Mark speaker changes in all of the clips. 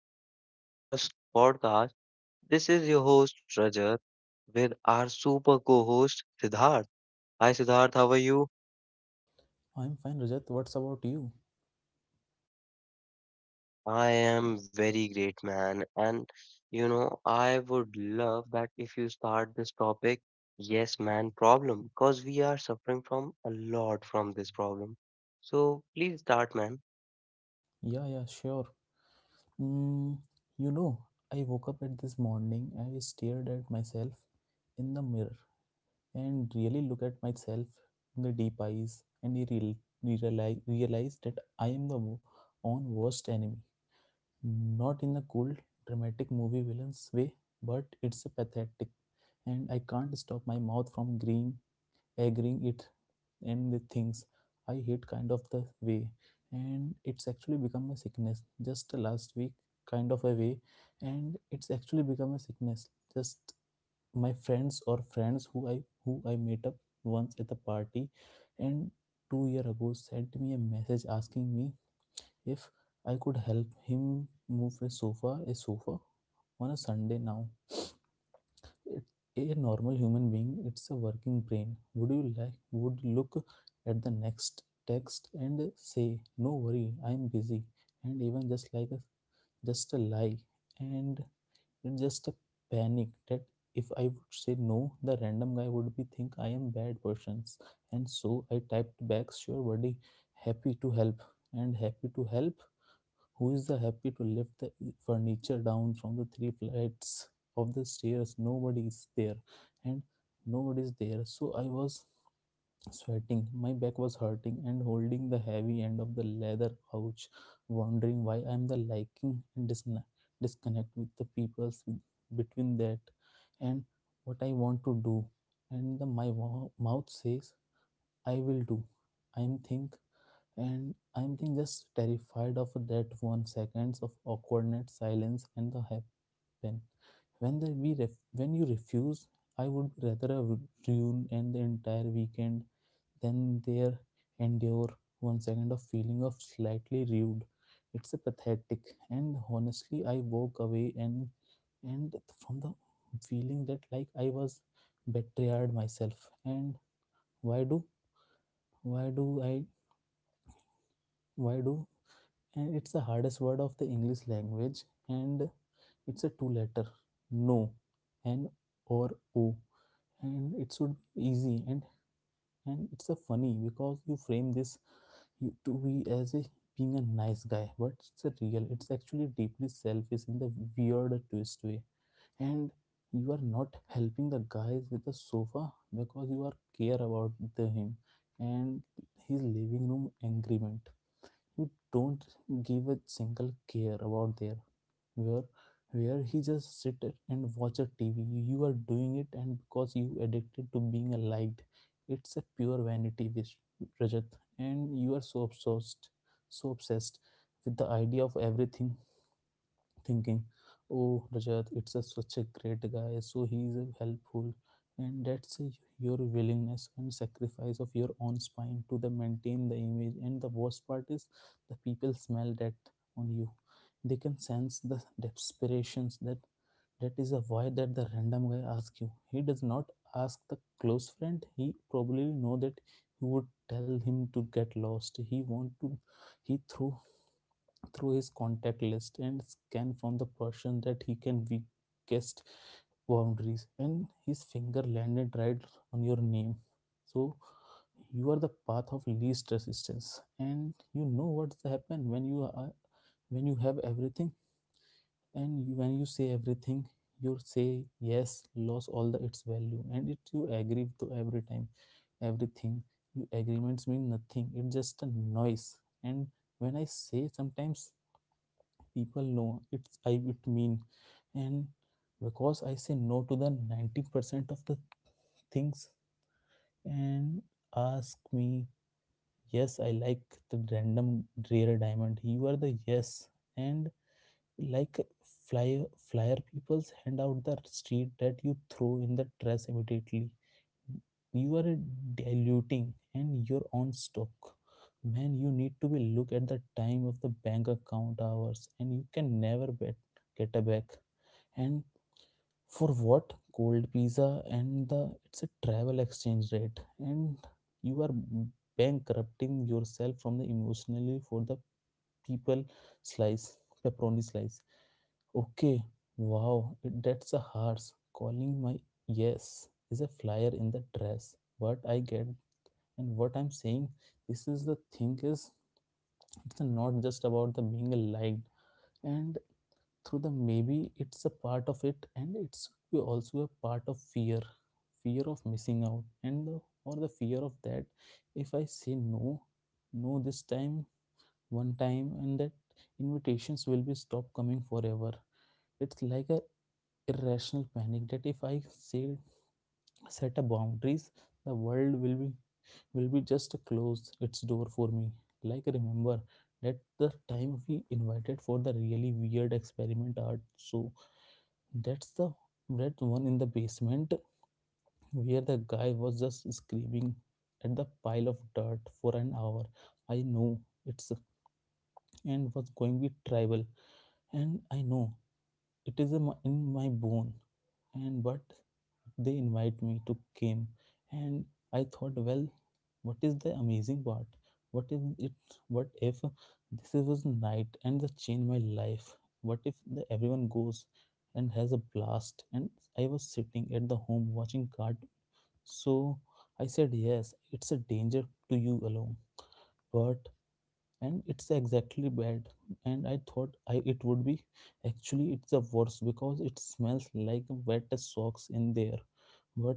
Speaker 1: episode of our post podcast. This is your host Rajat with our super co-host Siddharth. Hi, Siddharth. How are you?
Speaker 2: I'm fine, Rajat. What's about you?
Speaker 1: I am very great, man. And you know, I would love that if you start this topic, yes, man, problem, because we are suffering from a lot from this problem. So please start, man.
Speaker 2: Yeah, sure. Mm, you know, I woke up at this morning and I stared at myself in the mirror and really look at myself in the deep eyes and I realized that I am the own worst enemy. Not in a cool, dramatic movie villain's way, but it's a pathetic and I can't stop my mouth from agreeing it and with things I hate, kind of the way, and it's actually become a sickness just last week, kind of a way, and it's actually become a sickness just my friends or friends who I met up once at the party, and 2 year ago sent me a message asking me if I could help him move a sofa on a Sunday. Now it- a normal human being, it's a working brain, would you like would look at the next text and say, "No worry, I'm busy," and even just a lie. And it's just a panic that if I would say no, the random guy would be think I am bad persons. And so I typed back, "Sure buddy, happy to help." And happy to help who is the happy to lift the furniture down from the three flights of the stairs? Nobody is there. And nobody is there so I was sweating, my back was hurting and holding the heavy end of the leather couch, wondering why I'm the liking and disna disconnect with the between that and what I want to do, and mouth says I will do. i am think I'm think just terrified of that 1 seconds of awkwardness, silence, and the happen. When when you refuse, I would rather a ruin and the entire weekend than there endure 1 second of feeling of slightly rude. It's a pathetic, and honestly, I walk away and from the feeling that like I was betrayed myself. And why do why do I why do, and it's the hardest word of the English language, and it's a two letter: no, n or o. And it should be easy, and it's a funny because you frame this, you to be as a being a nice guy, but it's a real it's actually deeply selfish in the weird twist way. And you are not helping the guys with the sofa because you are care about the him and his living room agreement. You don't give a single care about there where where he just sit it and watch a TV. You are doing it and because you addicted to being a liked. It's a pure vanity wish, Rajat. And you are so obsessed with the idea of everything thinking, "Oh, Rajat, it's a such a great guy, so he is helpful." And that's a your willingness and sacrifice of your own spine to the maintain the image. And the worst part is, the people smell that on you. They can sense the desperations that, that is a why that the random guy asks you. He does not ask the close friend. He probably know that he would tell him to get lost. He want to, he threw through his contact list and scan from the person that he can guessed boundaries, and his finger landed right on your name. So you are the path of least resistance, and you know what's happen when you are, when you have everything and you, when you say everything, you say yes loss all the its value, and it you agree to every time everything. You agreements mean nothing, it's just a noise. And when I say sometimes, people know it's, I it mean, and because I say no to the 90% of the things, and ask me yes, I like the random rare diamond you are the yes. And like flyer people's hand out the street that you throw in the trash immediately. You are diluting and your own stock, man. You need to be look at the time of the bank account hours, and you can never bet get a back. And for what? Cold pizza and the it's a travel exchange rate. And you are bankrupting yourself from the emotionally for the people slice, pepperoni slice. Okay, wow, that's a harsh, calling my yes is a flyer in the dress, what I get. And what I'm saying, this is the thing is, it's not just about the being liked. And through the maybe it's a part of it, and it's be also a part of fear. Fear of missing out, or the fear of that, if I say no this time, one time, and that invitations will be stopped coming forever. It's like a irrational panic that if I say, set a boundaries, the world will be, will be just close its door for me. Like remember that the time we invited for the really weird experiment art? That's the that one in the basement where the guy was just screaming at the pile of dirt for an hour. I know it's, and was going to be tribal, and I know it is in my bone. And but they invite me to came, and I thought, well, what is the amazing part? what if it what if this was night and the change my life? What if everyone goes and has a blast, and I was sitting at the home watching card? So I said yes. It's a danger to you alone, but and it's exactly bad. And I thought it would be actually it's the worst because it smells like wet socks in there. But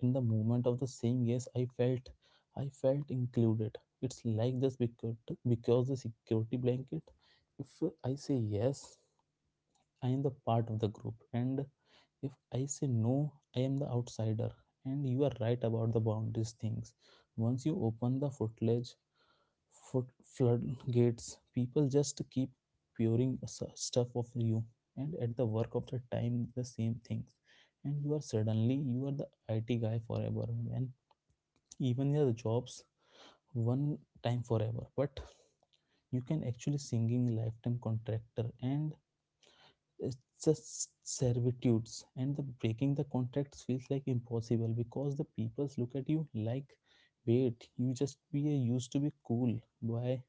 Speaker 2: in the moment of the saying yes, I felt included. It's like this because the security blanket, if I say yes, I am the part of the group, and if I say no, I am the outsider. And you are right about the boundaries things. Once you open the footage foot floodgates, people just keep pouring stuff of you, and at the work of the time, the same things. And you are suddenly, you are the IT guy forever. When even your jobs one time forever, but you can actually singing lifetime contractor. And it's just servitudes, and the breaking the contracts feels like impossible because the peoples look at you like, "Wait, you just be a, used to be cool, why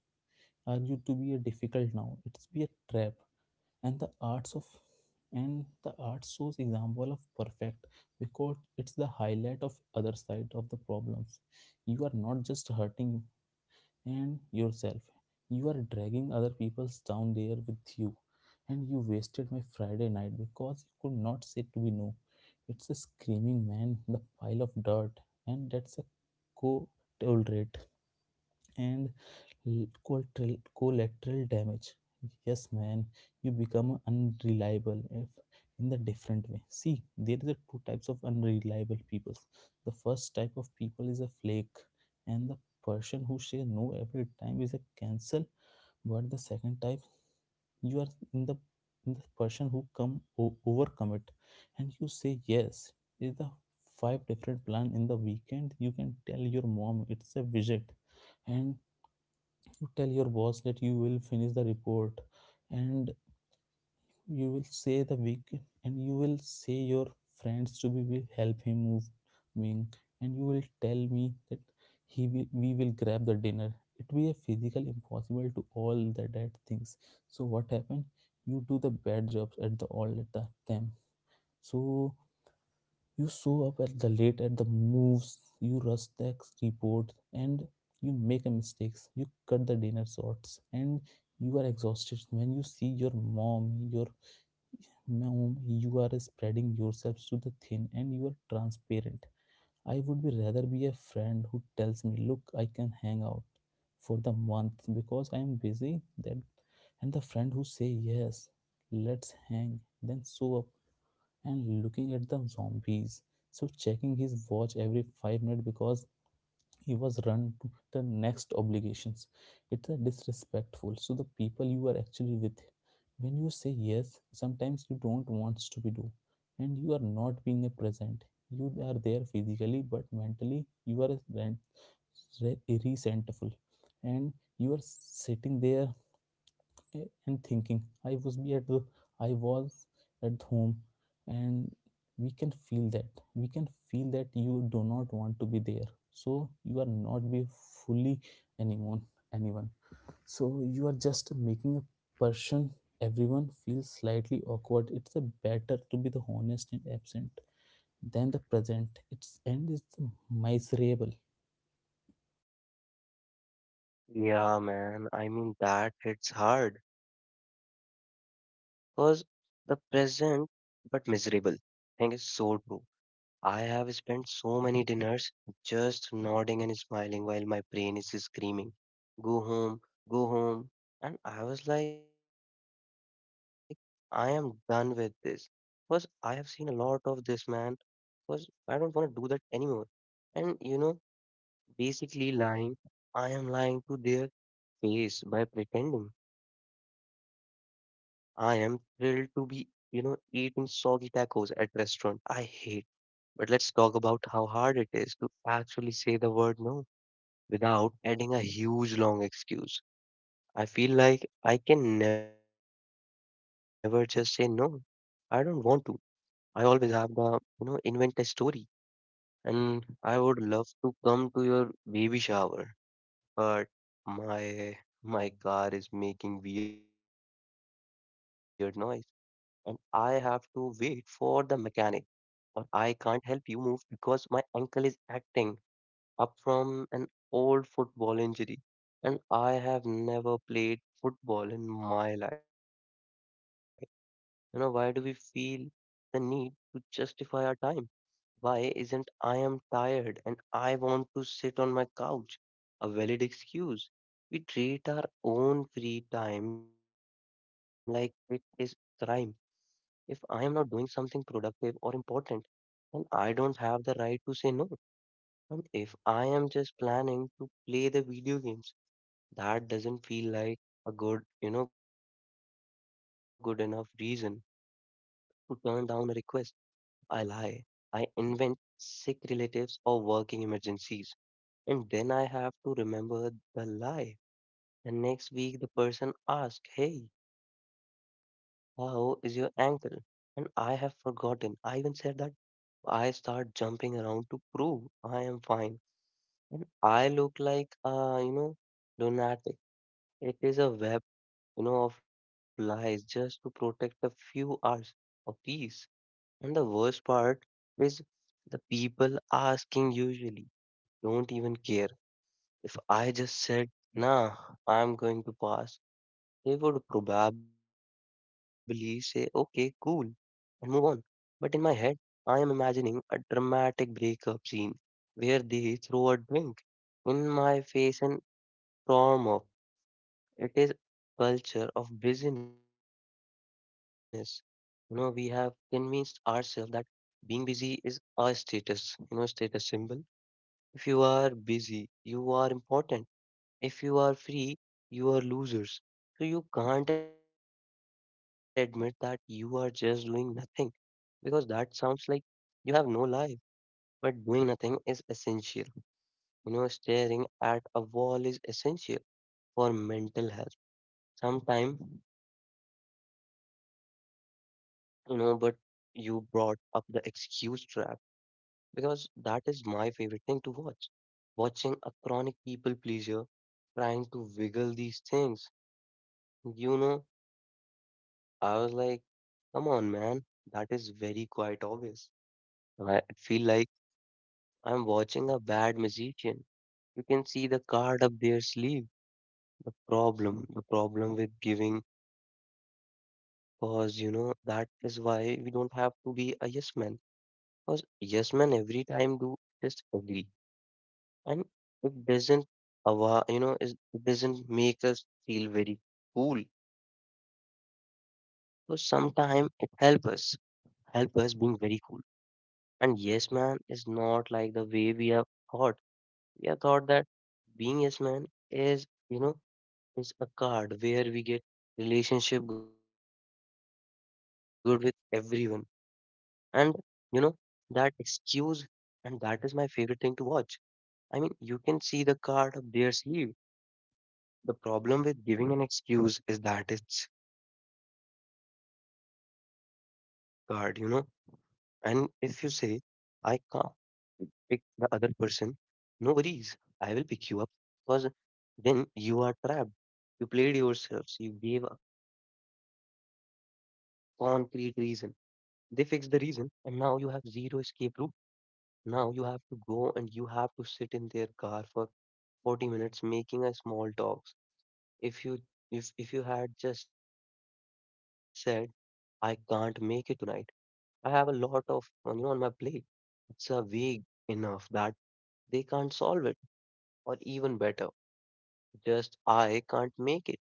Speaker 2: are you to be a difficult now?" It's be a trap. and the arts of and the art shows example of perfect because it's the highlight of other side of the problems. You are not just hurting and yourself, you are dragging other people's down there with you. And you wasted my Friday night because you could not say to be no. It's a screaming man the pile of dirt, and that's a co tolerate, and collateral damage. Yes, man. You become unreliable, if in the different way. See, there is a two types of unreliable people. The first type of people is a flake, and the person who say no every time is a cancel. But the second type, you are in the, in the person who overcome it and you say yes, is the five different plan in the weekend. You can tell your mom it's a visit, and you tell your boss that you will finish the report, and you will say the week, and you will say your friends to be will help him moving, and you will tell me that he will we will grab the dinner. It will be a physical impossible to all the dead things. So what happened? You do the bad jobs at the all at the time. So you show up at the late at the moves, you rush the report, and you make a mistakes. You cut the dinner shorts, and you are exhausted when you see your mom. Your mom, you are spreading yourselves to the thin, and you are transparent. I would be rather be a friend who tells me, "Look, I can hang out for the month because I am busy," that, and the friend who say yes, let's hang, then show up and looking at the zombies. So checking his watch every 5 minutes because he was run to the next obligations. It's a disrespectful. So the people you are actually with, when you say yes, sometimes you don't want to be do, and you are not being a present. You are there physically, but mentally you are resentful, and you are sitting there and thinking i was be at the, I was at home. And we can feel that you do not want to be there, so you are not be fully anyone anyone. So you are just making a person everyone feels slightly awkward. It's a better to be the honest and absent than the present it's miserable.
Speaker 1: Yeah, man. I mean that hits hard because the present but miserable thing is so true. I have spent so many dinners just nodding and smiling while my brain is screaming, "Go home, go home." And I was like, I am done with this. Because I have seen a lot of this, man. Because I don't want to do that anymore. And basically lying, I am lying to their face by pretending I am thrilled to be, eating soggy tacos at restaurant I hate. But let's talk about how hard it is to actually say the word no without adding a huge long excuse. I feel like I can never just say no. I don't want to. I always have the, you know, invent a story. And I would love to come to your baby shower, but my my car is making weird noise, and I have to wait for the mechanic, or I can't help you move because my ankle is acting up from an old football injury, and I have never played football in my life. You know, why do we feel the need to justify our time? Why isn't I am tired and I want to sit on my couch a valid excuse? We treat our own free time like it is crime. If I am not doing something productive or important, then I don't have the right to say no. And if I am just planning to play the video games, that doesn't feel like a good, good enough reason to turn down a request. I lie. I invent sick relatives or working emergencies. And then I have to remember the lie. And next week the person asks, "Hey, how is your ankle?" And I have forgotten I even said that. I start jumping around to prove I am fine, and I look like a, lunatic. It is a web, of lies just to protect a few hours of peace. And the worst part is the people asking usually don't even care. If I just said, "Nah, I'm going to pass," he would probably say, "Okay, cool," and move on. But in my head, I am imagining a dramatic breakup scene where they throw a drink in my face and storm off. It is culture of busyness. You know, we have convinced ourselves that being busy is our status, status symbol. If you are busy, you are important. If you are free, you are losers. So you can't admit that you are just doing nothing because that sounds like you have no life. But doing nothing is essential. You know, staring at a wall is essential for mental health. Sometimes, you know, but you brought up the excuse trap because that is my favorite thing to watch. Watching a chronic people pleaser trying to wiggle these things. You know, I was like, come on, man, that is very quite obvious. And I feel like I'm watching a bad magician. You can see the card up their sleeve. The problem with giving, cause you know, that is why we don't have to be a yes man. Cause yes man every time do just agree. And it doesn't, it doesn't make us feel very cool. So sometimes it helps us, help us being very cool. And yes man is not like the way we have thought. We have thought that being yes man is, is a card where we get relationship good with everyone. And you know, that excuse and that is my favorite thing to watch. I mean, you can see the card up their sleeve. The problem with giving an excuse is that it's card, you know. And if you say I can't pick the other person, "No worries, I will pick you up." Because then you are trapped. You played yourselves, you gave a concrete reason. They fixed the reason, and now you have zero escape route. Now you have to go and you have to sit in their car for 40 minutes making a small talks. If you if you had just said, "I can't make it tonight. I have a lot of on you know on my plate." It's a vague enough that they can't solve it, or even better just "I can't make it."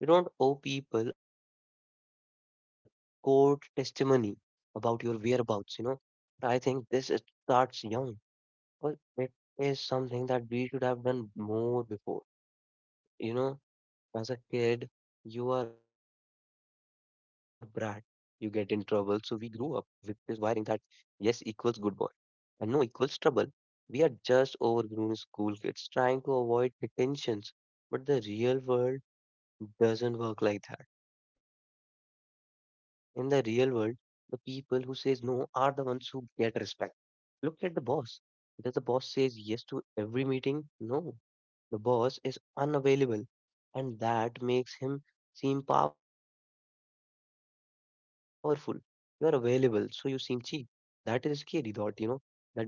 Speaker 1: You don't owe people court testimony about your whereabouts, you know. I think this is- Starts young, but it is something that we should have done more before. You know, as a kid, you are brat, you get in trouble. So we grew up with this wiring that yes equals good boy and no equals trouble. We are just overgrown school kids trying to avoid detentions, but the real world doesn't work like that. In the real world, the people who says no are the ones who get respect. Look at the boss. Does the boss says yes to every meeting? No. The boss is unavailable and that makes him seem powerful. You are available, so you seem cheap. That is a scary thought, you know, that being available make you seem cheap,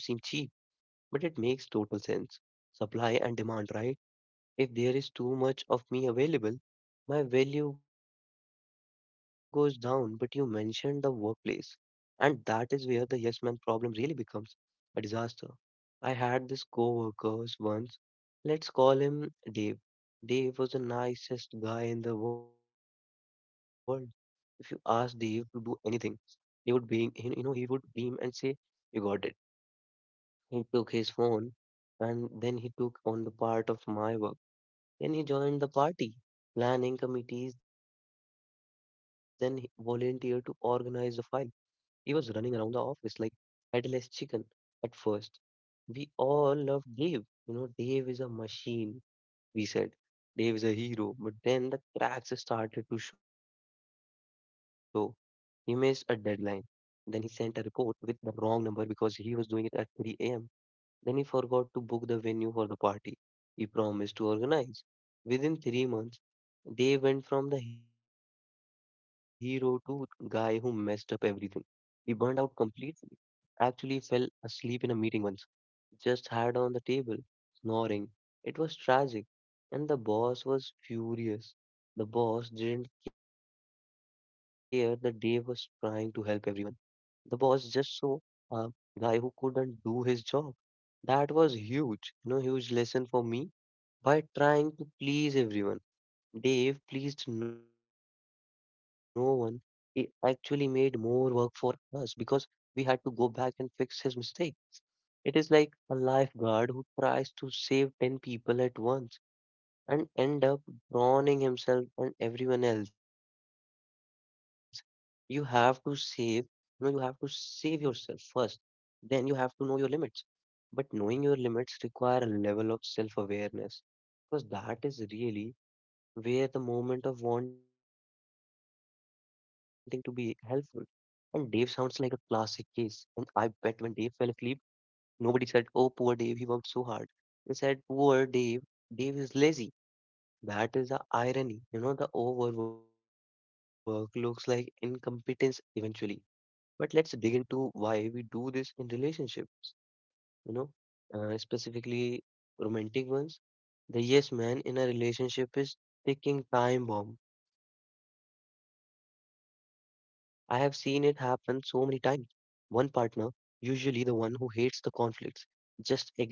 Speaker 1: but it makes total sense. Supply and demand, right? If there is too much of me available, my value goes down. But you mentioned the workplace, and that is where the yes man problem really becomes a disaster. I had this co-workers once. Let's call him Dave. Dave was the nicest guy in the world. If you asked Dave to do anything, he would be, he- you know, he would beam and say, "You got it." He took his phone, and then he took on the part of my work. Then he joined the party, planning committees, then he volunteered to organize the file. He was running around the office like headless chicken at first. We all loved Dave. You know, Dave is a machine, we said. Dave is a hero. But then the cracks started to show. He missed a deadline. Then he sent a report with the wrong number because he was doing it at 3 a.m. Then he forgot to book the venue for the party he promised to organize. Within 3 months, they went from the hero to guy who messed up everything. He burned out completely. Actually fell asleep in a meeting once, just had on the table, snoring. It was tragic, and the boss was furious. The boss didn't care that Dave was trying to help everyone. The boss just saw a guy who couldn't do his job. That was huge, huge lesson for me. By trying to please everyone, Dave pleased no one. It actually made more work for us because we had to go back and fix his mistake. It is like a lifeguard who tries to save 10 people at once and end up drowning himself and everyone else. You have to save, you have to save yourself first. Then you have to know your limits. But knowing your limits require a level of self-awareness because that is really where the moment of wanting to be helpful. And Dave sounds like a classic case. And I bet when Dave fell asleep, nobody said, "Oh, poor Dave, he worked so hard." They said, "Poor Dave, Dave is lazy." That is the irony. You know, the overwork looks like incompetence eventually. But let's dig into why we do this in relationships, you know, specifically romantic ones. The yes man in a relationship is ticking time bomb. I have seen it happen so many times. One partner, usually the one who hates the conflicts, just agreed to everything.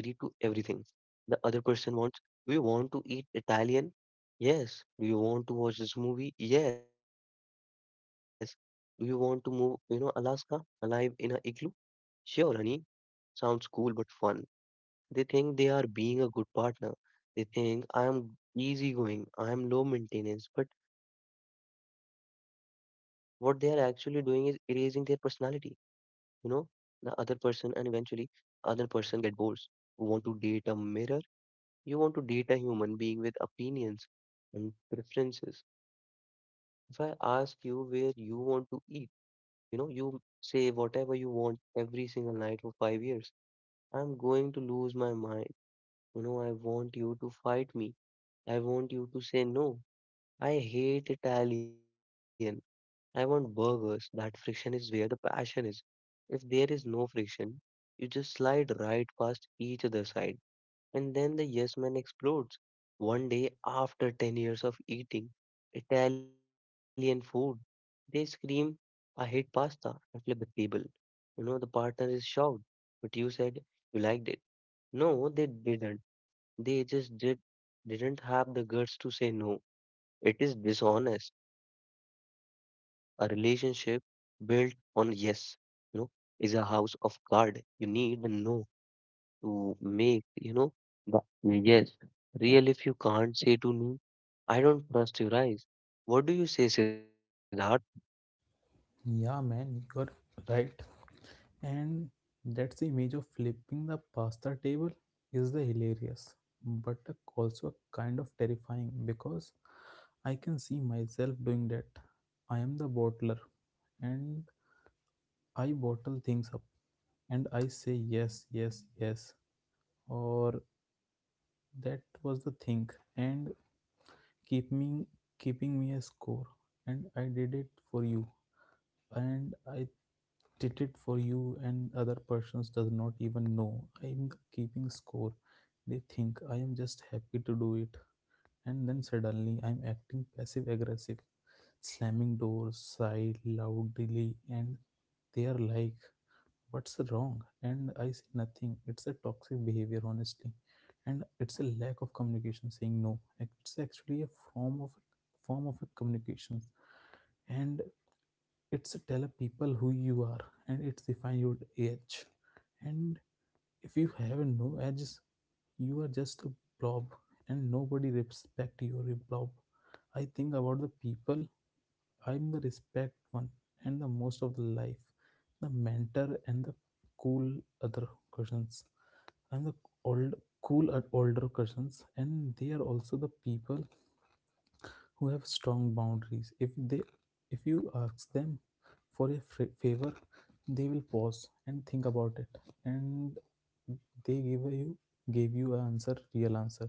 Speaker 1: The other person wants, do you want to eat Italian? Yes. Do you want to watch this movie? Yes. Do you want to move, you know, Alaska alive in a igloo? Sure, honey. Sounds cool but fun. They think they are being a good partner. They think I am easygoing, I am low maintenance, but what they are actually doing is erasing their personality, you know, the other person and eventually other person get bored. Who want to date a mirror, you want to date a human being with opinions and preferences. If I ask you where you want to eat, you know, you say whatever you want every single night for 5 years. I'm going to lose my mind. You know, I want you to fight me. I want you to say no. I hate Italian. I want burgers. That friction is where the passion is. If there is no friction, you just slide right past each other side. And then the yes man explodes. One day, after 10 years of eating Italian food, they scream, "I hate pasta," and flip the table. The partner is shocked. "But you said you liked it." No, they didn't. They just did didn't have the guts to say no. It is dishonest. A relationship built on yes, you know, is a house of card. You need the no to make, the yes. Real if you can't say to me, I don't trust your eyes. What do you say, Siddharth?
Speaker 2: Yeah, man, you're right. And that's the image of flipping the pasta table is the hilarious, but also kind of terrifying because I can see myself doing that. I am the bottler and I bottle things up and I say yes, or that was the thing and keep me keeping me a score and I did it for you and other persons does not even know I'm keeping score. They think I am just happy to do it, and then suddenly I'm acting passive aggressive, slamming doors, sigh loudly, and they are like, "What's wrong?" And I say nothing. It's a toxic behavior honestly. And it's a lack of communication saying no. It's actually a form of form of a communication. And it's tell people who you are, and it's define your age. And if you have no edge, you are just a blob, and nobody respect your blob. I think about the people I'm the respect one, and the most of the life, the mentor and the cool other cousins, I'm the old cool at older cousins, and they are also the people who have strong boundaries. If you ask them for a favor, they will pause and think about it, and they give you gave you an answer real answer.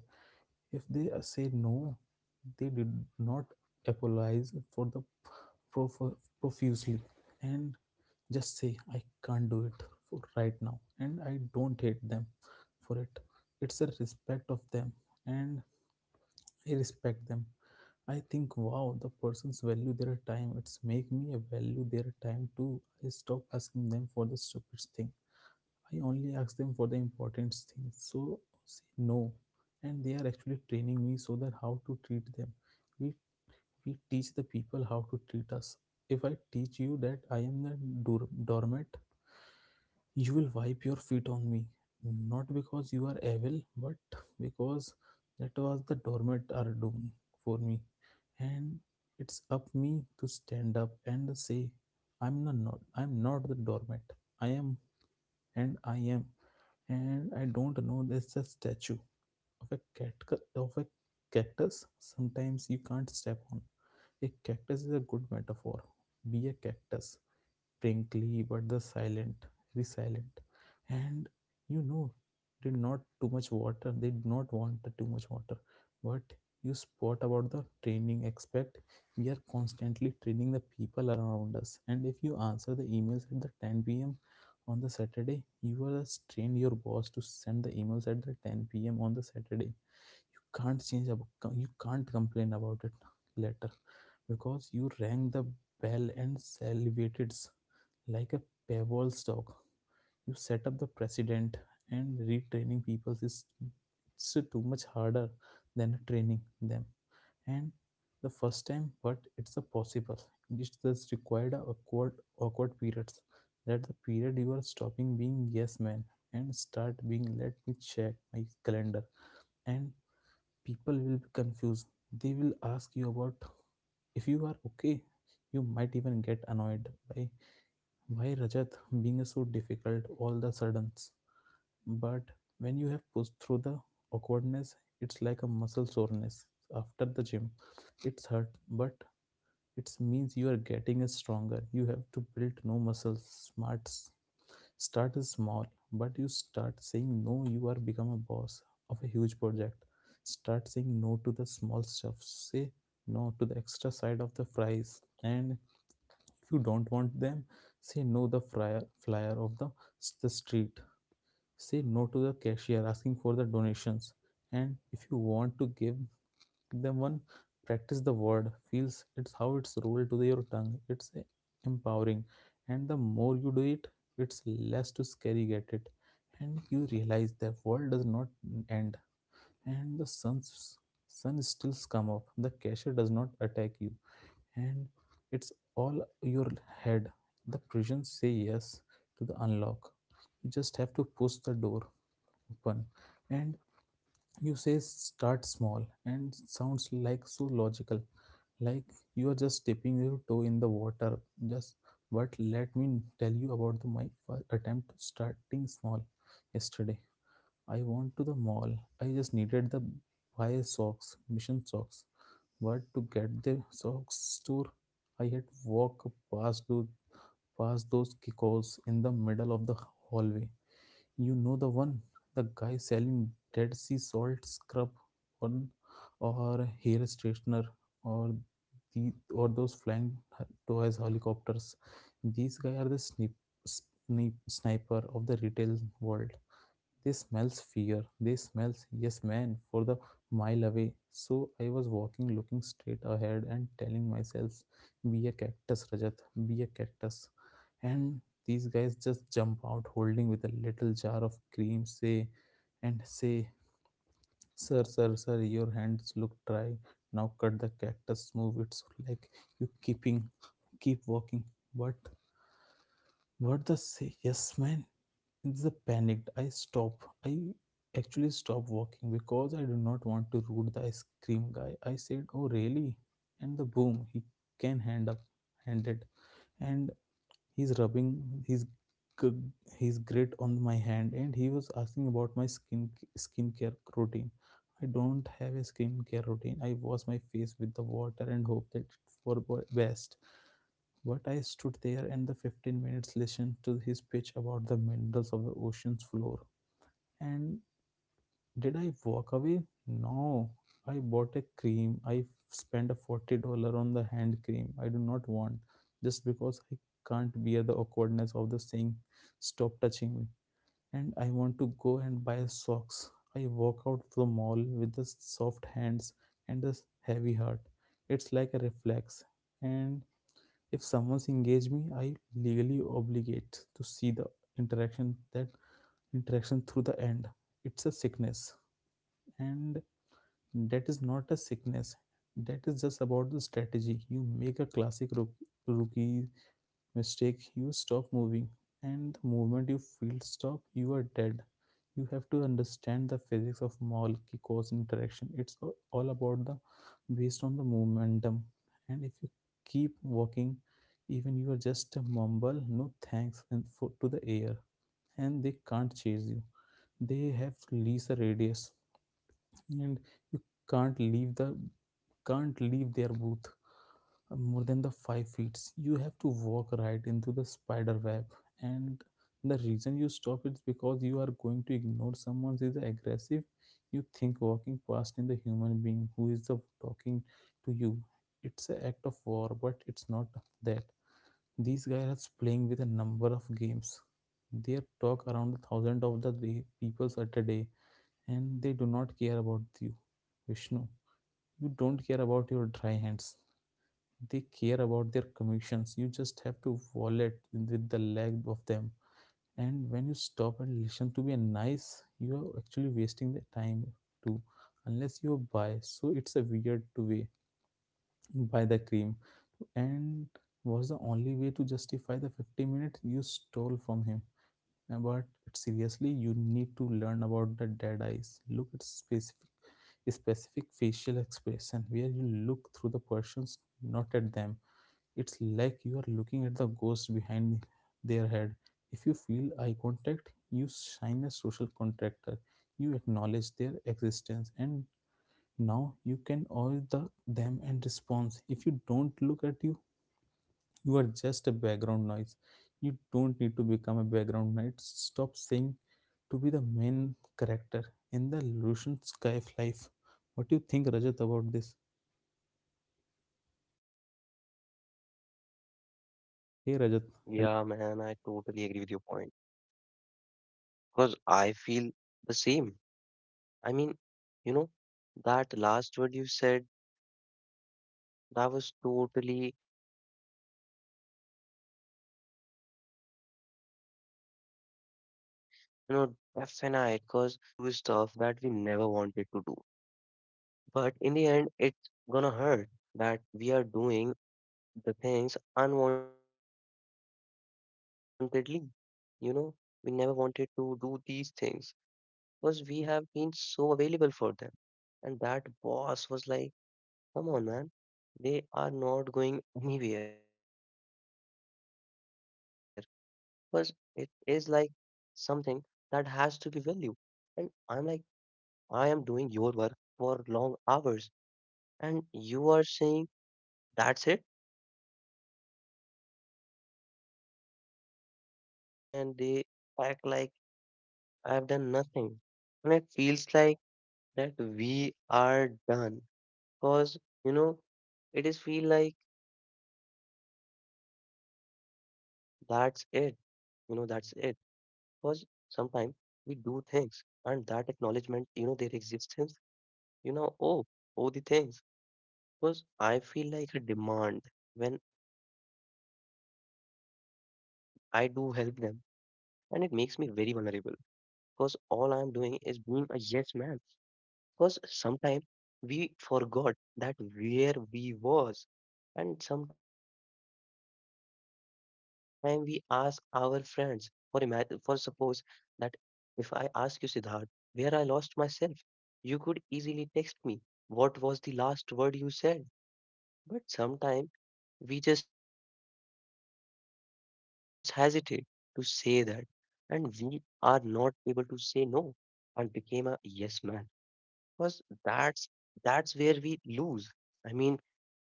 Speaker 2: If they say no, they did not apologize for the prof- profusely, and just say I can't do it for right now, and I don't hate them for it. It's a respect of them, and I respect them. I think wow, the persons value their time. It's make me value their time too. I stop asking them for the stupid thing. I only ask them for the important things. So say no, and they are actually training me so that how to treat them. We we teach the people how to treat us. If I teach you that I am the doormat, you will wipe your feet on me, not because you are evil, but because that was the dormant are doing for me. And it's up me to stand up and say, I'm not, not I'm not the dormant. I am, and I am. And I don't know there's a statue of a of a cactus sometimes you can't step on. A cactus is a good metaphor. Be a cactus frankly, but the silent, very silent, and you know did not too much water they did not want too much water. But you spot about the training aspect. We are constantly training the people around us, and if you answer the emails at the 10 p.m. on the saturday, you are train your boss to send the emails at the 10 p.m. on the saturday. You can't complain about it later because you rang the bell and salivated like a pebble stock. You set up the precedent, and retraining people is it's too much harder than training them. And the first time, but it's a possible. It's just required a awkward periods. That the period you are stopping being yes man and start being let me check my calendar. And people will be confused. They will ask you about if you are okay. You might even get annoyed by why Rajat being so difficult all the suddens? But when you have pushed through the awkwardness, it's like a muscle soreness after the gym. It's hurt, but it means you are getting stronger. You have to build no muscles. Smarts start is small, but you start saying no. You are become a boss of a huge project. Start saying no to the small stuff. Say no to the extra side of the fries, and if you don't want them, say no the flyer of the street. Say no to the cashier asking for the donations. And if you want to give them one, practice the word. Feels it's how it's rolled to your tongue. It's empowering. And the more you do it, it's less to scary get it. And you realize the world does not end. And the sun still come up. The cashier does not attack you, and it's all your head. The prison say yes to the unlock. You just have to push the door open, and you say start small, and sounds like so logical, like you are just dipping your toe in the water. Just but let me tell you about my first attempt to starting small. Yesterday, I went to the mall. I just needed the buy socks, mission socks, but to get the socks store, I had walk past those, past those kickers in the middle of the hallway. You know the one, the guy selling Dead Sea salt scrub on or hair straightener or the or those flying toys helicopters. These guys are the sniper of the retail world. They smells fear. They smells yes man for the mile away. So I was walking looking straight ahead and telling myself, be a cactus, Rajat, be a cactus. And these guys just jump out holding with a little jar of cream, say and say, "Sir, sir, sir, your hands look dry." Now cut the cactus, move it so like you keeping keep walking. But what the say yes man it's a panicked. I stop. I actually stop walking because I do not want to rude the ice cream guy. I said, "Oh, really?" And the boom, he can hand up, handed, and he's rubbing his g- his grit on my hand, and he was asking about my skincare routine. I don't have a skincare routine. I wash my face with the water and hope that it for best. But I stood there and the 15 minutes listened to his pitch about the minerals of the ocean's floor. And did I walk away? No. I bought a cream. I spent a $40 on the hand cream I do not want just because I can't bear the awkwardness of the saying, stop touching me. And I want to go and buy socks. I walk out to the mall with the soft hands and the heavy heart. It's like a reflex. And if someone's engaged me, I legally obligate to see the interaction that interaction through the end. It's a sickness, and that is not a sickness. That is just about the strategy. You make a classic rookie mistake. You stop moving, and the moment you feel stop, you are dead. You have to understand the physics of mall cause interaction. It's all about the based on the momentum. And if you keep walking, even you are just a mumble no thanks and to the air, and they can't chase you. They have least a radius, and you can't leave the can't leave their booth more than the 5 feet. You have to walk right into the spider web. And the reason you stop is because you are going to ignore someone who is aggressive. You think walking past in the human being who is the talking to you it's an act of war, but it's not that. These guys are playing with a number of games. They talk around a thousand of the day, peoples at a day, and they do not care about you, vishnu. You don't care about your dry hands. They care about their commissions. You just have to wallet with the leg of them. And when you stop and listen to be a nice, you are actually wasting the time too. Unless you buy. So it's a weird to way to buy the cream. And was the only way to justify the 50 minutes you stole from him. Now, but seriously, you need to learn about the dead eyes. Look at specific facial expression where you look through the persons, not at them. It's like you are looking at the ghost behind their head. If you feel eye contact, you sign a social contractor. You acknowledge their existence, and now you can owe the them and response. If you don't look at you, you are just a background noise. You don't need to become a background noise. Stop saying to be the main character in the Lucian Sky of life. What do you think, Rajat, about this?
Speaker 1: Yeah, man, I totally
Speaker 2: Hey,
Speaker 1: agree with
Speaker 2: Rajat.
Speaker 1: your
Speaker 2: Hello.
Speaker 1: point because I feel the same. I mean, you know, that last word you said. That was totally, you know, definite. Because when we feel like yes, man, we always do stuff that we never wanted to do. But in the end, it's gonna hurt that we are doing the things unwantedly. You know, we never wanted to do these things because we have been so available for them. And that boss was like, come on, man, they are not going anywhere. Because it is like something that has to be value. And I'm like, I am doing your work for long hours, and you are saying that's it, you know, that hurts when you do things for someone and they act like I have done nothing. And it feels like that we are done because, you know, it is feel like that's it, that's it because sometimes we do things and that acknowledgement their existence oh oh the things because I feel like a demand when I do help them and it makes me very vulnerable because all I am doing is being a yes man because sometimes we forgot that where we was and sometimes we ask our friends for suppose that if I ask you, Siddharth, where I lost myself, you could easily text me what was the last word you said. But sometimes we just hesitate to say that, and we are not able to say no and became a yes man because that's that's where we lose. I mean,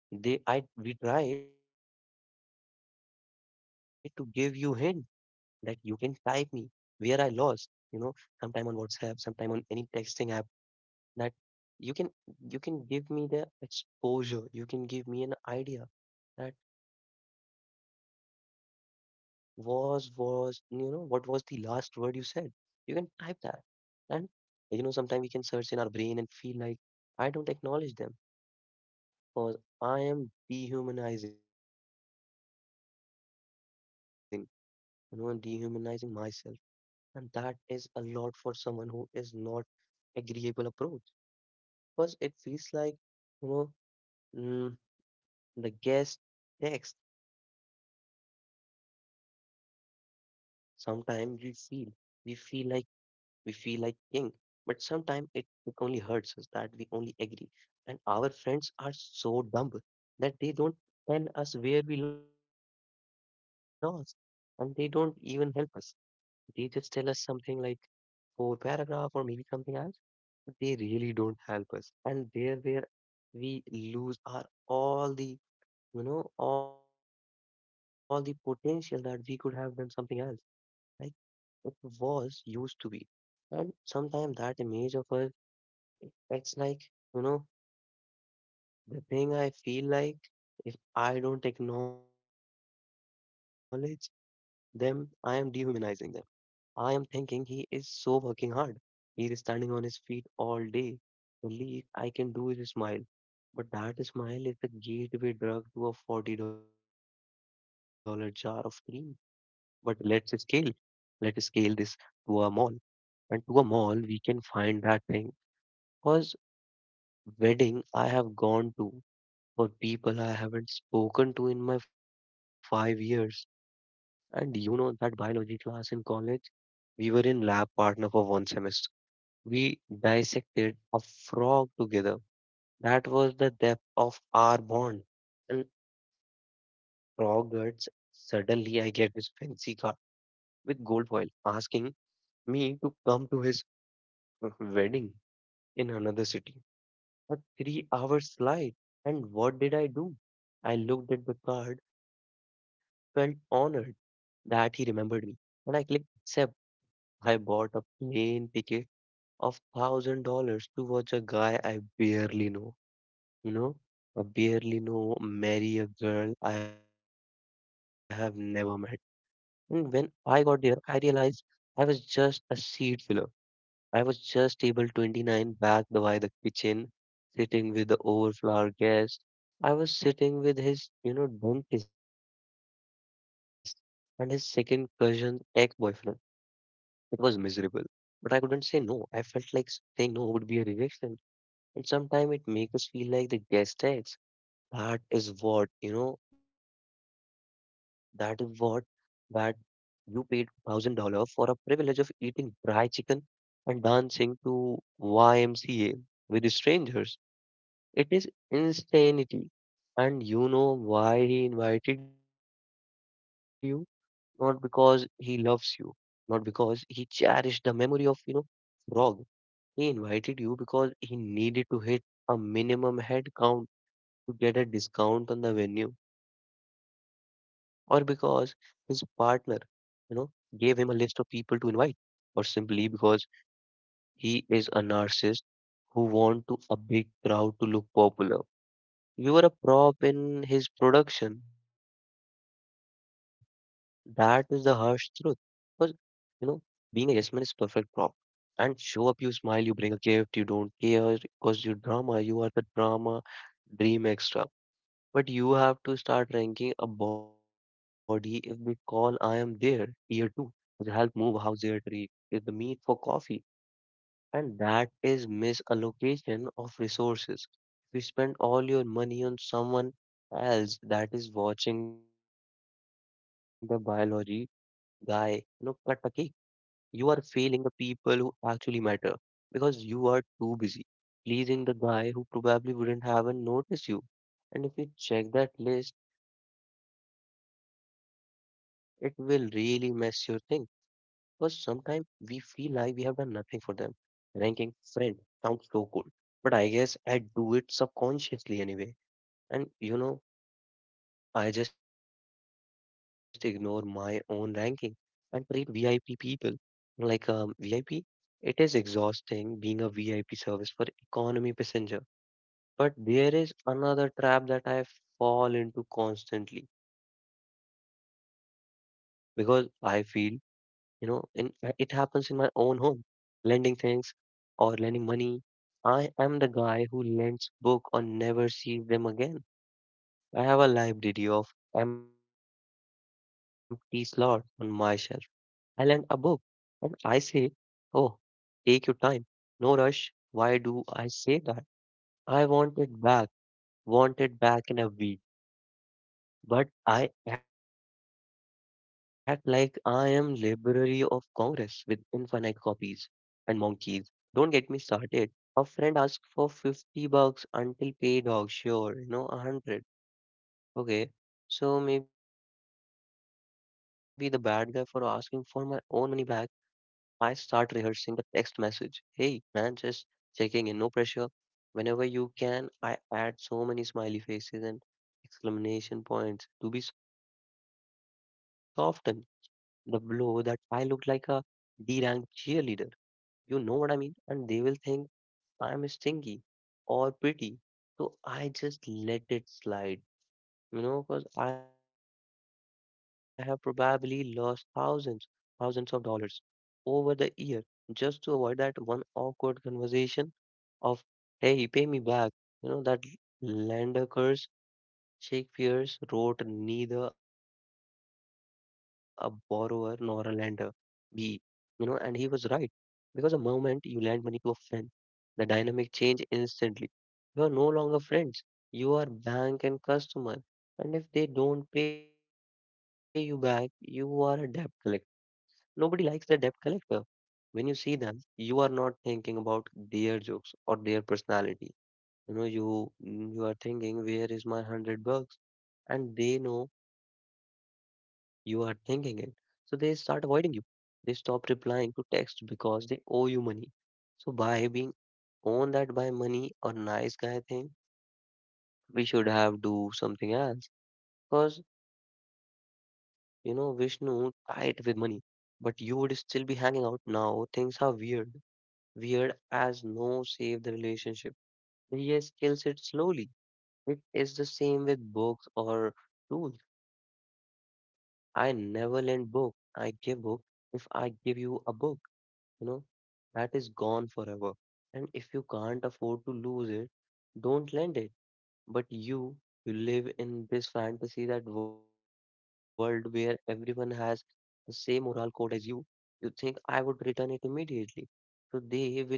Speaker 1: they I we try to give you hint that you can type me where I lost, you know, sometime on WhatsApp, sometime on any texting app that you can you can give me the exposure, you can give me an idea that was what was the last word you said. You can type that and sometimes we can search in our brain and feel like I don't acknowledge them because I am dehumanizing, dehumanizing myself. And that is a lot for someone who is not agreeable approach because it feels like you know mm, the guest next. Sometimes we feel like we feel like king, but sometimes it only hurts us that we only agree. And our friends are so dumb that they don't tell us where we lost and they don't even help us. They just tell us something like or paragraph or maybe something else, but they really don't help us. And there where we lose our all the all the potential that we could have done something else. Like it was used to be. And sometimes that image of us it's like you know the thing I feel like if I don't acknowledge them, I am dehumanizing them. I am thinking he is so working hard. He is standing on his feet all day. The least I can do is smile. But that smile is the gateway drug to a $40 jar of cream. But let's scale. This to a mall. And to a mall, we can find that thing. Because wedding I have gone to, for people I haven't spoken to in my 5 years. And you know that biology class in college? We were in lab partner for one semester. We dissected a frog together. That was the depth of our bond. And frog guts, suddenly I get this fancy card with gold foil asking me to come to his wedding in another city. A 3 hour slide. And what did I do? I looked at the card, felt honored that he remembered me. When I clicked accept, I bought a plane ticket of $1,000 to watch a guy I barely know, you know, I barely know marry a girl I have never met. And when I got there, I realized I was just a seat filler. I was just table 29 by the kitchen, sitting with the overflower guest. I was sitting with his, dentist and his second cousin's ex-boyfriend. It was miserable. But I couldn't say no. I felt like saying no would be a rejection. And sometimes it makes us feel like the gas tax. That is what, that you paid $1,000 for a privilege of eating dry chicken and dancing to YMCA with strangers. It is insanity. And you know why he invited you? Not because he loves you, not because he cherished the memory of, frog, he invited you because he needed to hit a minimum head count to get a discount on the venue, or because his partner, you know, gave him a list of people to invite, or simply because he is a narcissist who want to a big crowd to look popular. You were a prop in his production. That is the harsh truth. Because, you know, being a yes man is perfect prop. And show up, you smile, you bring a gift, you don't care because you are the drama dream extra. But you have to start ranking a body. If they call, I am there. Tier 2 is help move house. Tier 3 is the meet for coffee. And that is misallocation of resources. If you spend all your money on someone else, that is watching the biology guy cut a cake, you are failing the people who actually matter because you are too busy pleasing the guy who probably wouldn't have noticed you. And if you check that list, it will really mess your thing because sometimes we feel like we have done nothing for them. Ranking friend sounds so cool, but I guess I do it subconsciously anyway. And I just ignore my own ranking and treat VIP people like VIP. It is exhausting being a VIP service for economy passenger. But there is another trap that I fall into constantly because I feel, you know, in it happens in my own home lending things or lending money. I am the guy who lends book or never sees them again. I have a library of empty slots on my shelf. I lend a book and I say, "Oh, take your time. No rush." Why do I say that? I want it back. Want it back in a week. But I act like I am Library of Congress with infinite copies and monkeys. Don't get me started. A friend asked for 50 bucks until pay dog. Sure, a 100. Okay. So maybe the bad guy for asking for my own money back I start rehearsing the text message. "Hey, man, just checking in, no pressure. Whenever you can." I add so many smiley faces and exclamation points to be softened. The blow that I looked like a D-ranked cheerleader. You know what I mean? And they will think I'm stingy or pretty. So I just let it slide, because I have probably lost thousands, thousands of dollars over the year just to avoid that one awkward conversation of, "Hey, pay me back." That lender curse, Shakespeare wrote neither a borrower nor a lender be. You know, and he was right because the moment you lend money to a friend, the dynamic change instantly. You are no longer friends. You are bank and customer. And if they don't pay you back, you are a debt collector. Nobody likes the debt collector. When you see them, you are not thinking about their jokes or their personality. You are thinking, where is my $100? And they know you are thinking it, so they start avoiding you. They stop replying to text because they owe you money. So by being owned that by money or nice guy thing, we should have do something else. Because you know Vishnu tied with money, but you would still be hanging out now. Things are weird as no save the relationship. Yes kills it slowly. It is the same with books or tools. I never lend book. I give book. If I give you a book, you know, that is gone forever. And if you can't afford to lose it, don't lend it. But you live in this fantasy that world where everyone has the same moral code as you, you think I would return it immediately. So they will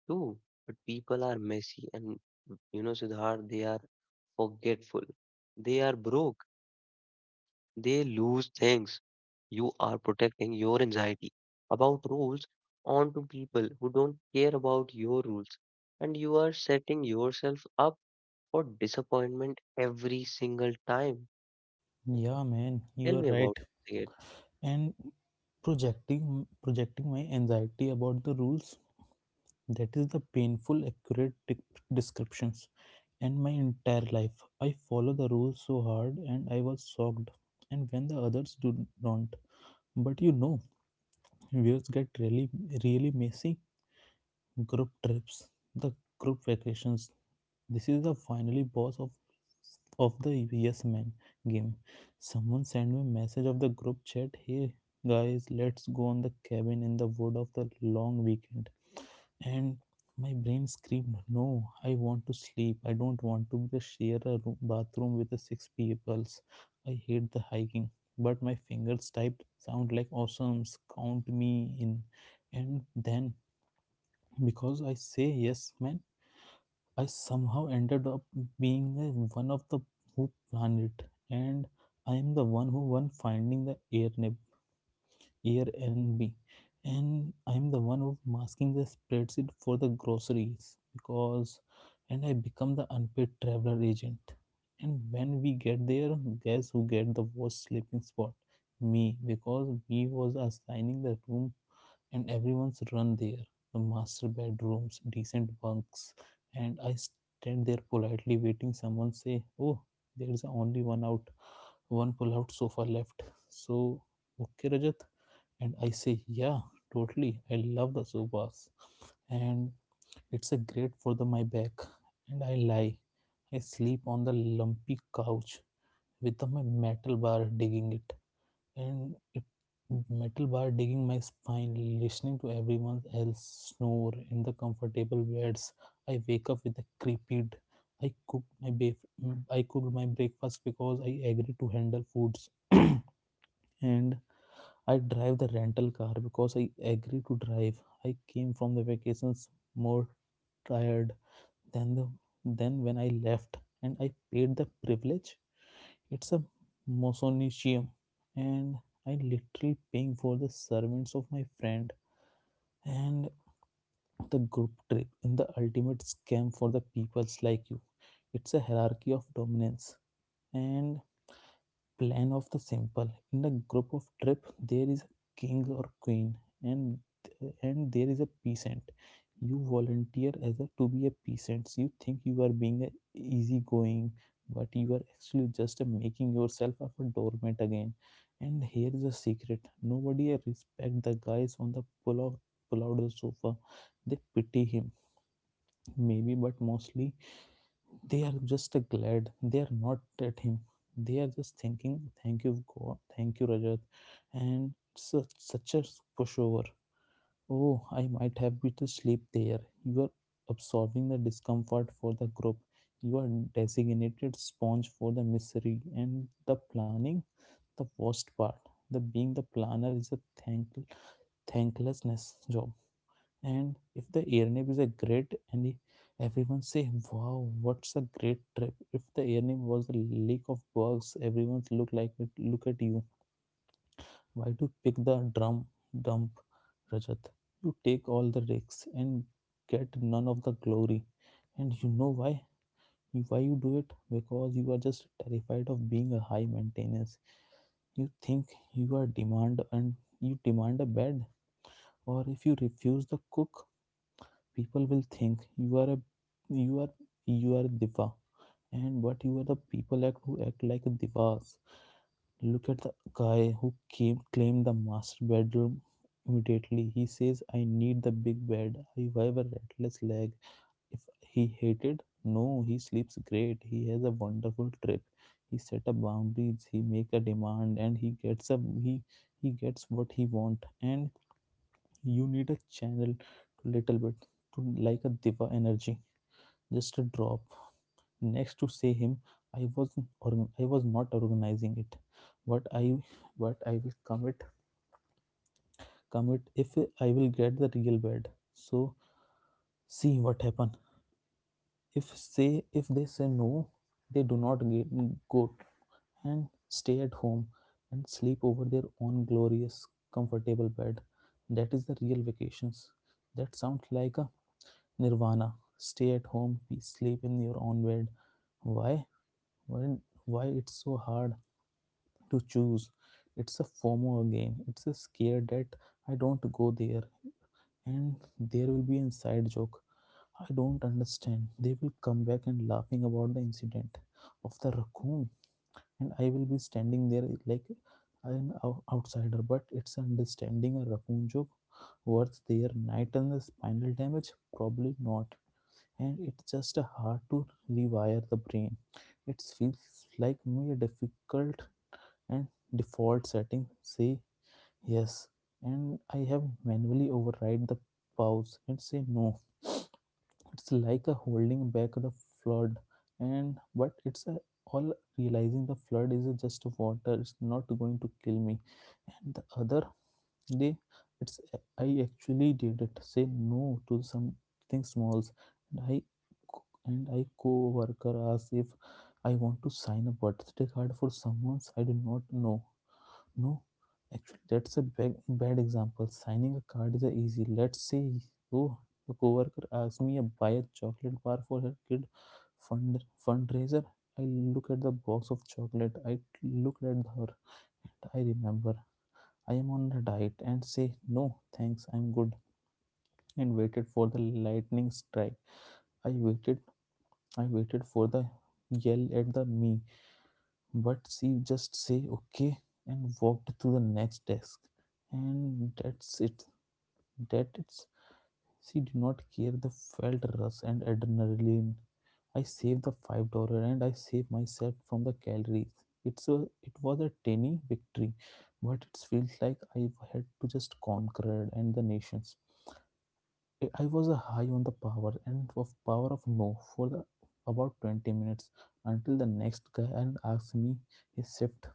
Speaker 1: true, but people are messy and you know, Siddharth, they are forgetful. They are broke. They lose things. You are protecting your anxiety about rules onto people who don't care about your rules. And you are setting yourself up for disappointment every single time. Tell
Speaker 2: Yeah,
Speaker 1: me about
Speaker 2: man, you are
Speaker 1: it.
Speaker 2: right. And projecting my anxiety about the rules. That is the painful, accurate descriptions. And my entire life, I follow the rules so hard, and I was shocked. And when the others do don't, but you know views get really really messy. Group trips, the group vacations, this is the finally boss of the yes man game. Someone sent me a message of the group chat: hey guys, let's go on the cabin in the wood of the long weekend. And my brain screamed, no, I want to sleep. I don't want to share a room, bathroom with the six peoples. I hate the hiking. But my fingers typed, sound like awesome, count me in. And then, because I say yes, man, I somehow ended up being one of the who planned it. And I am the one who won finding the air year and me, and I'm the one who's masking the spreadsheet for the groceries, because and I become the unpaid traveler agent. And when we get there, guess who get the worst sleeping spot? Me, because we was assigning the room and everyone's run there, the master bedrooms, decent bunks. And I stand there politely waiting someone say, oh, there's only one pull out sofa left. So, okay, Rajat? And I say, yeah, totally. I love the sofas. And it's a great for the my back. And I lie. I sleep on the lumpy couch with my metal bar digging it, and it metal bar digging my spine, listening to everyone else snore in the comfortable beds. I wake up with a creeped. I cooked my breakfast because I agree to handle foods, and I drive the rental car because I agree to drive. I came from the vacations more tired then the then when I left, and I paid the privilege. It's a Mosonicium, and I literally paying for the servants of my friend. And the group trip and the ultimate scam for the peoples like you. It's a hierarchy of dominance and plan of the simple in the group of trip. There is a king or queen, and and there is a peasant. You volunteer as a to be a peasant, you think you are being a easygoing, but you are actually just a making yourself of a doormat again. And here is a secret: nobody respect the guys on the pull out the sofa. They pity him maybe, but mostly they are just glad. They are not at him. They are just thinking, thank you, God, thank you, Rajat. And such, such a pushover. Oh, I might have been to sleep there. You are absorbing the discomfort for the group. You are designated sponge for the misery and the planning, the worst part. The being the planner is a thank, thanklessness job. And if the airnip is a great and everyone say, wow, what's a great trip. If the airnip was a lake of bugs, everyone look like it. Look at you. Why do pick the drum dump, Rajat? You take all the risks and get none of the glory. And you know why? Why you do it? Because you are just terrified of being a high maintenance. You think you are demand and you demand a bed, or if you refuse the cook, people will think you are you are you are a diva. And but you are the people act who act like divas. Look at the guy who came claimed the master bedroom. Immediately he says, I need the big bed, I have a restless leg. If he hated? No, he sleeps great, he has a wonderful trip. He set up boundaries, he make a demand, and he gets a he he gets what he want. And you need a channel to little bit to like a diva energy, just a drop. Next to say him, i was I was not organizing it, but i but I will commit if I will get the real bed. So see what happen. If they say no, they do not get, go and stay at home and sleep over their own glorious comfortable bed. That is the real vacations. That sounds like a nirvana. Stay at home, sleep in your own bed. Why why, why it's so hard to choose? It's a fomo again, it's a scare that I don't go there and there will be inside joke I don't understand, they will come back and laughing about the incident of the raccoon, and I will be standing there like an outsider. But it's understanding a raccoon joke worth their night and the spinal damage? Probably not. And it's just hard to rewire the brain. It feels like me a difficult and default setting. Say yes, and I have manually override the pause and say no. It's like a holding back the flood, and but it's a all realizing the flood is just water. It's not going to kill me. And the other they, it's I actually did it. Say no to something smalls, and I and I co-worker asked if I want to sign a birthday card for someone I do not know. No, actually, that's a bad, bad example. Signing a card is a easy. Let's say, oh, the coworker asked me to buy a chocolate bar for her kid fundraiser. I look at the box of chocolate. I looked at her, and I remember I am on a diet, and say, no thanks I'm good, and waited for the lightning strike. I waited I waited for the yell at the me, but she just say okay and walked to the next desk. And that's it. That it's, she did not care. The felt rush and adrenaline. I saved the $5, and I saved myself from the calories. It's a, it was a tiny victory, but it feels like I had to just conquered and the nations. I was high on the power and of power of no for the about 20 minutes, until the next guy and asked me his shift,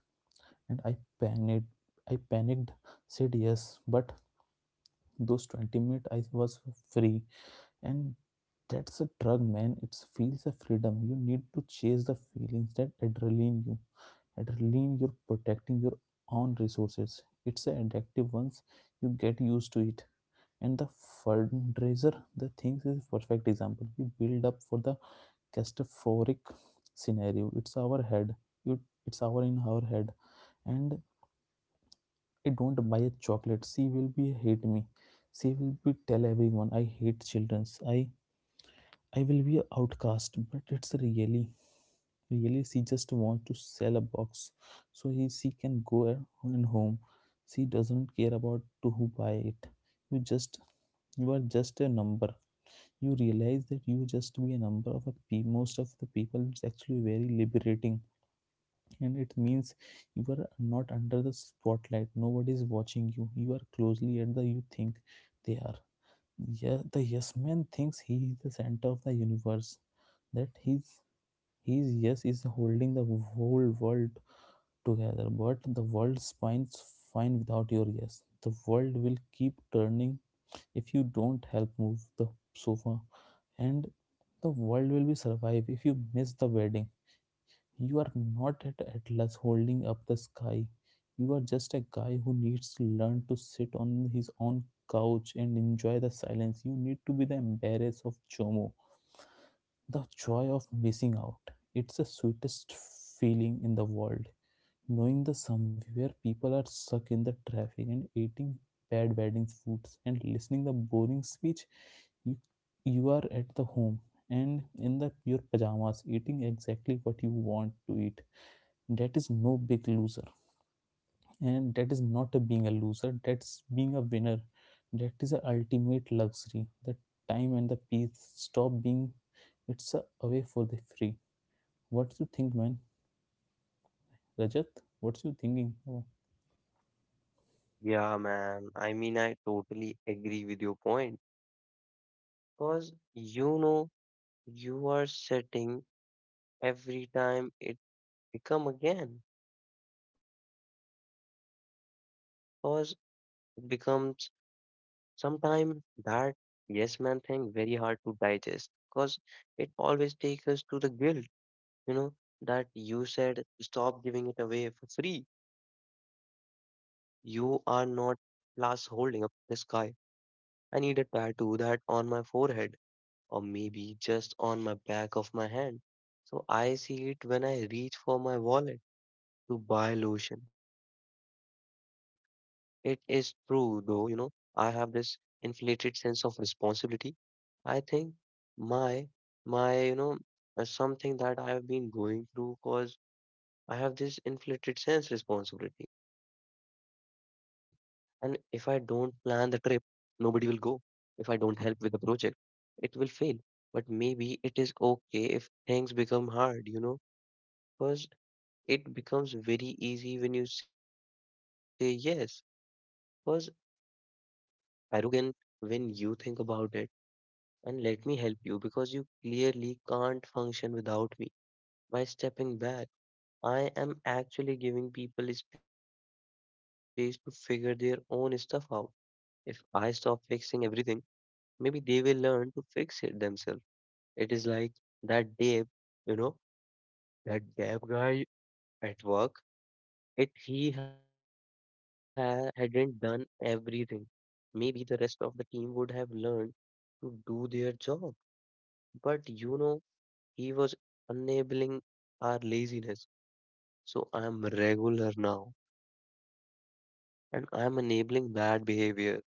Speaker 2: and I panicked. I panicked said yes. But those 20 minutes I was free. And that's a drug, man. It feels a freedom. You need to chase the feelings, that adrenaline you're protecting your own resources. It's an addictive once you get used to it. And the fundraiser, the things is perfect example. We build up for the catastrophic scenario. It's our head, you it's our in our head. And I don't buy a chocolate, she will be hate me. She will be tell everyone I hate childrens. I will be a outcast. But it's really really she just want to sell a box, so he she can go and home. She doesn't care about to who buy it. you just you are just a number. You realize that you just be a number of a most of the people, it's actually very liberating. And it means you are not under the spotlight, nobody is watching you are closely at the, you think they are. Yeah, the yes man thinks he is the center of the universe, that his yes is holding the whole world together. But the world spines fine without your yes. The world will keep turning if you don't help move the sofa. And the world will be survive if you miss the wedding. You are not at atlas holding up the sky. You are just a guy who needs to learn to sit on his own couch and enjoy the silence. You need to be the embarrass of jomo, the joy of missing out. It's the sweetest feeling in the world, knowing the somewhere people are stuck in the traffic and eating bad wedding foods and listening the boring speech. you, you are at the home and in the your pajamas eating exactly what you want to eat. That is no big loser. And that is not a being a loser, that's being a winner. That is a ultimate luxury, the time and the peace. Stop being, it's a away for the free. What do you think, man? Rajat, what's you thinking? Oh.
Speaker 1: Yeah, man. I mean, I totally agree with your point. Because you know, you are setting every time it become again because it becomes sometime that yes man thing very hard to digest because it always takes us to the guilt, you know, that you said stop giving it away for free. You are not last holding up the sky. I need a tattoo that on my forehead, or maybe just on my back of my hand, so I see it when I reach for my wallet to buy lotion. It is true, though, you know, I have this inflated sense of responsibility. I think my, my, you know, something that I have been going through because I have this inflated sense responsibility. And if I don't plan the trip, nobody will go. If I don't help with the project, it will fail. But maybe it is okay if things become hard, you know, because it becomes very easy when you say yes. Because arrogant when you think about it, and let me help you because you clearly can't function without me. By stepping back, I am actually giving people space to figure their own stuff out. If I stop fixing everything, maybe they will learn to fix it themselves. It is like that Dave, you know, that Dave guy at work. If hadn't done everything, maybe the rest of the team would have learned to do their job. But you know, he was enabling our laziness. So I'm regular now, and I'm enabling bad behavior, poor planning,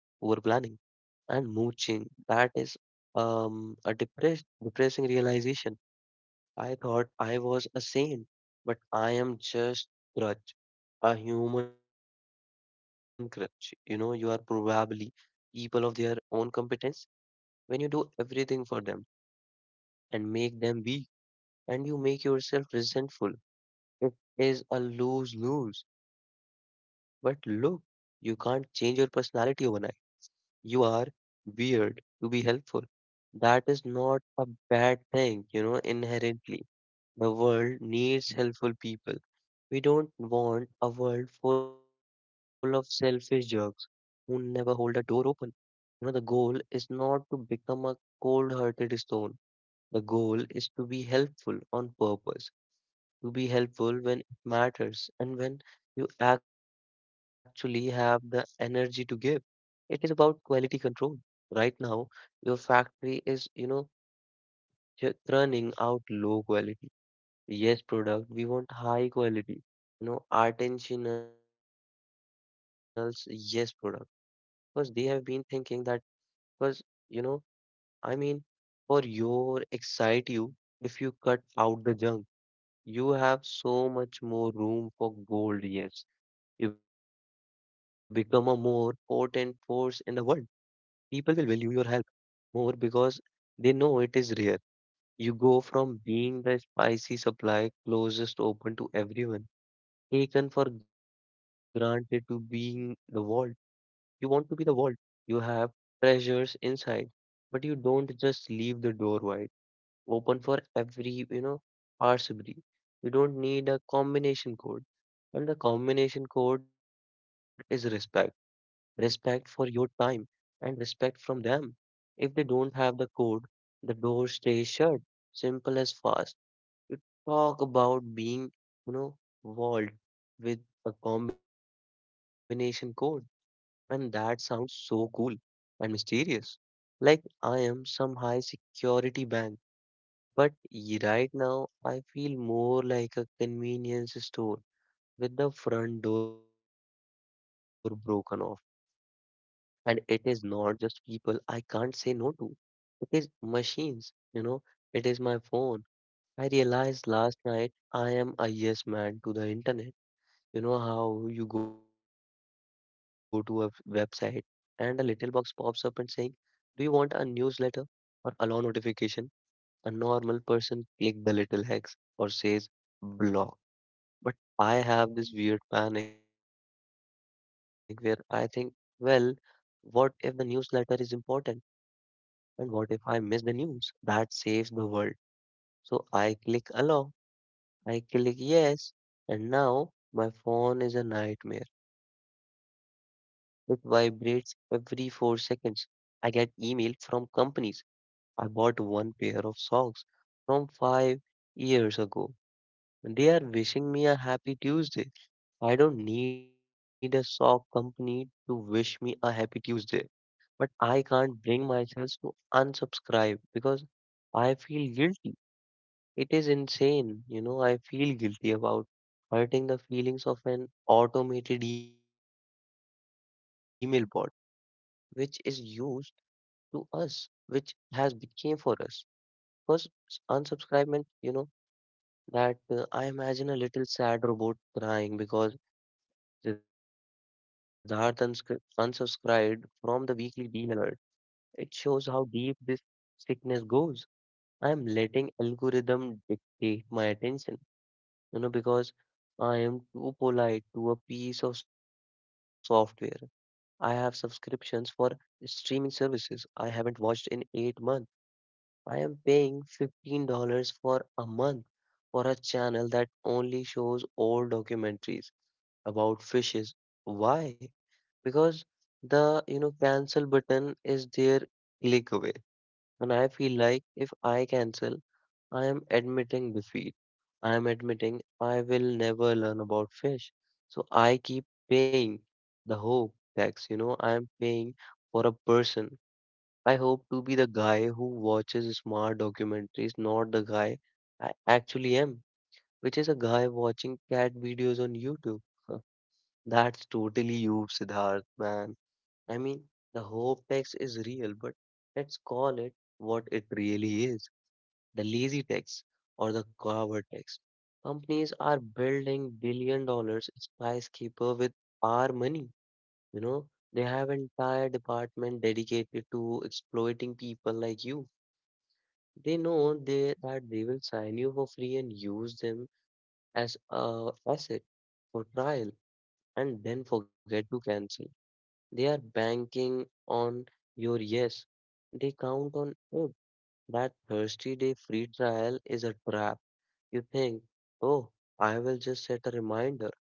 Speaker 1: and mooching. That is a depressing realization. I thought I was a saint, but I am just crutch, a human crutch. You know, you are probably people of their own competence when you do everything for them and make them weak, and you make yourself resentful. It is a lose lose. But look, you can't change your personality overnight. You are weird to be helpful. That is not a bad thing, you know, inherently. The world needs helpful people. We don't want a world full of selfish jerks who never hold a door open. You know, the goal is not to become a cold hearted stone. The goal is to be helpful on purpose, to be helpful when it matters and when you actually have the energy to give. It is about quality control. Right now, your factory is, you know, churning out low quality. Yes, product. We want high quality, you know, artisanals. Yes, product. Because they have been thinking that, because, you know, I mean, for your excite you, if you cut out the junk, you have so much more room for gold. Yes. You become a more potent force in the world. People will value your help more because they know it is rare. You go from being the spicy supply closest open to everyone, taken for granted, to being the world. You want to be the world. You have treasures inside, but you don't just leave the door wide open for every, you know, parsimony. You don't need a combination code, and the combination code is respect. Respect for your time, and respect from them. If they don't have the code, the door stays shut. Simple as fast. You talk about being, you know, walled with a combination code, and that sounds so cool and mysterious, like I am some high security bank. But right now, I feel more like a convenience store with the front door broken off. And it is not just people I can't say no to. It is machines, you know, it is my phone. I realized last night I am a yes man to the internet. You know how you go to a website and a little box pops up and saying, do you want a newsletter or allow notification? A normal person click the little hex or says block. But I have this weird panic where I think, well, what if the newsletter is important? And what if I miss the news that saves the world? So I click allow. I click yes, and now my phone is a nightmare. It vibrates every 4 seconds. I get email from companies. I bought one pair of socks from 5 years ago. They are wishing me a happy Tuesday. I don't need a sock company to wish me a happy Tuesday. But I can't bring myself to unsubscribe because I feel guilty. It is insane. You know, I feel guilty about hurting the feelings of an automated email bot, which is used to us, which has became for us. First, unsubscribement, you know, that I imagine a little sad robot crying because Siddharth unsubscribed from the weekly deal alert. It shows how deep this sickness goes. I am letting algorithm dictate my attention, you know, because I am too polite to a piece of software. I have subscriptions for streaming services I haven't watched in 8 months. I am paying $15 for a month for a channel that only shows old documentaries about fishes. Why? Because the, you know, cancel button is their click away. And I feel like if I cancel, I am admitting defeat. I am admitting I will never learn about fish. So I keep paying the hope tax, you know, I am paying for a person. I hope to be the guy who watches smart documentaries, not the guy I actually am, which is a guy watching cat videos on YouTube. Huh, that's totally you, Siddharth, man. I mean, the hope tax is real, but let's call it what it really is, the lazy tax or the coward tax. Companies are building billion dollars skyscraper with our money. You know, they have entire department dedicated to exploiting people like you. They know that they will sign you for free and use them as a asset for trial and then forget to cancel. They are banking on your yes. They count on it. That Thursday day free trial is a trap. You think, oh, I will just set a reminder,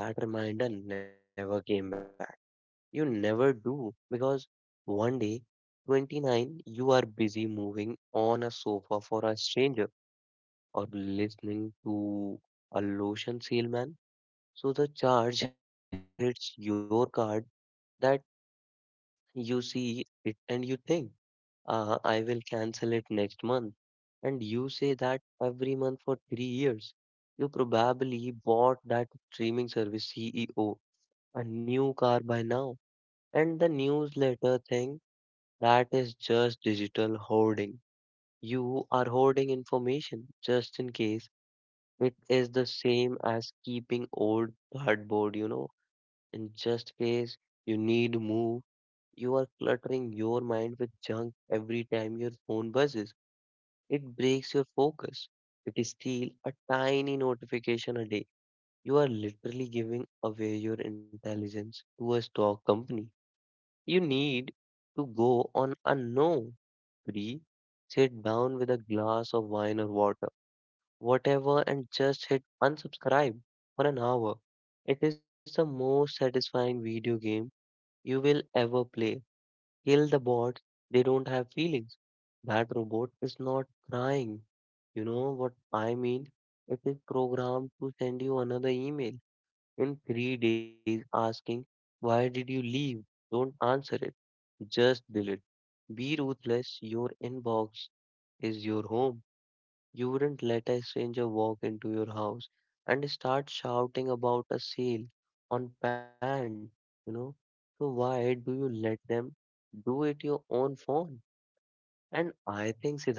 Speaker 1: and that reminder never came back. You never do because one day, 29, you are busy moving on a sofa for a stranger or listening to a lotion salesman. So the charge hits your card that you see it and you think, uh, I will cancel it next month. And you say that every month for 3 years. You probably bought that streaming service CEO a new car by now. And the newsletter thing, that is just digital hoarding. You are hoarding information just in case. It is the same as keeping old cardboard, you know. In just case you need to move, you are cluttering your mind with junk every time your phone buzzes. It breaks your focus. It is still a tiny notification a day, you are literally giving away your intelligence to a stock company. You need to go on a no free, sit down with a glass of wine or water, whatever, and just hit unsubscribe for an hour. It is the most satisfying video game you will ever play. Kill the bots, they don't have feelings. That robot is not crying. You know what I mean? It is programmed to send you another email in 3 days asking, why did you leave? Don't answer it. Just delete. Be ruthless. Your inbox is your home. You wouldn't let a stranger walk into your house and start shouting about a sale on band, you know? So why do you let them do it your own phone? And I think, Siddharth,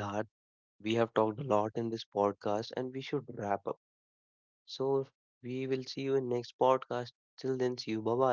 Speaker 1: we have talked a lot in this podcast and we should wrap up. So we will see you in next podcast. Till then, see you. Bye bye.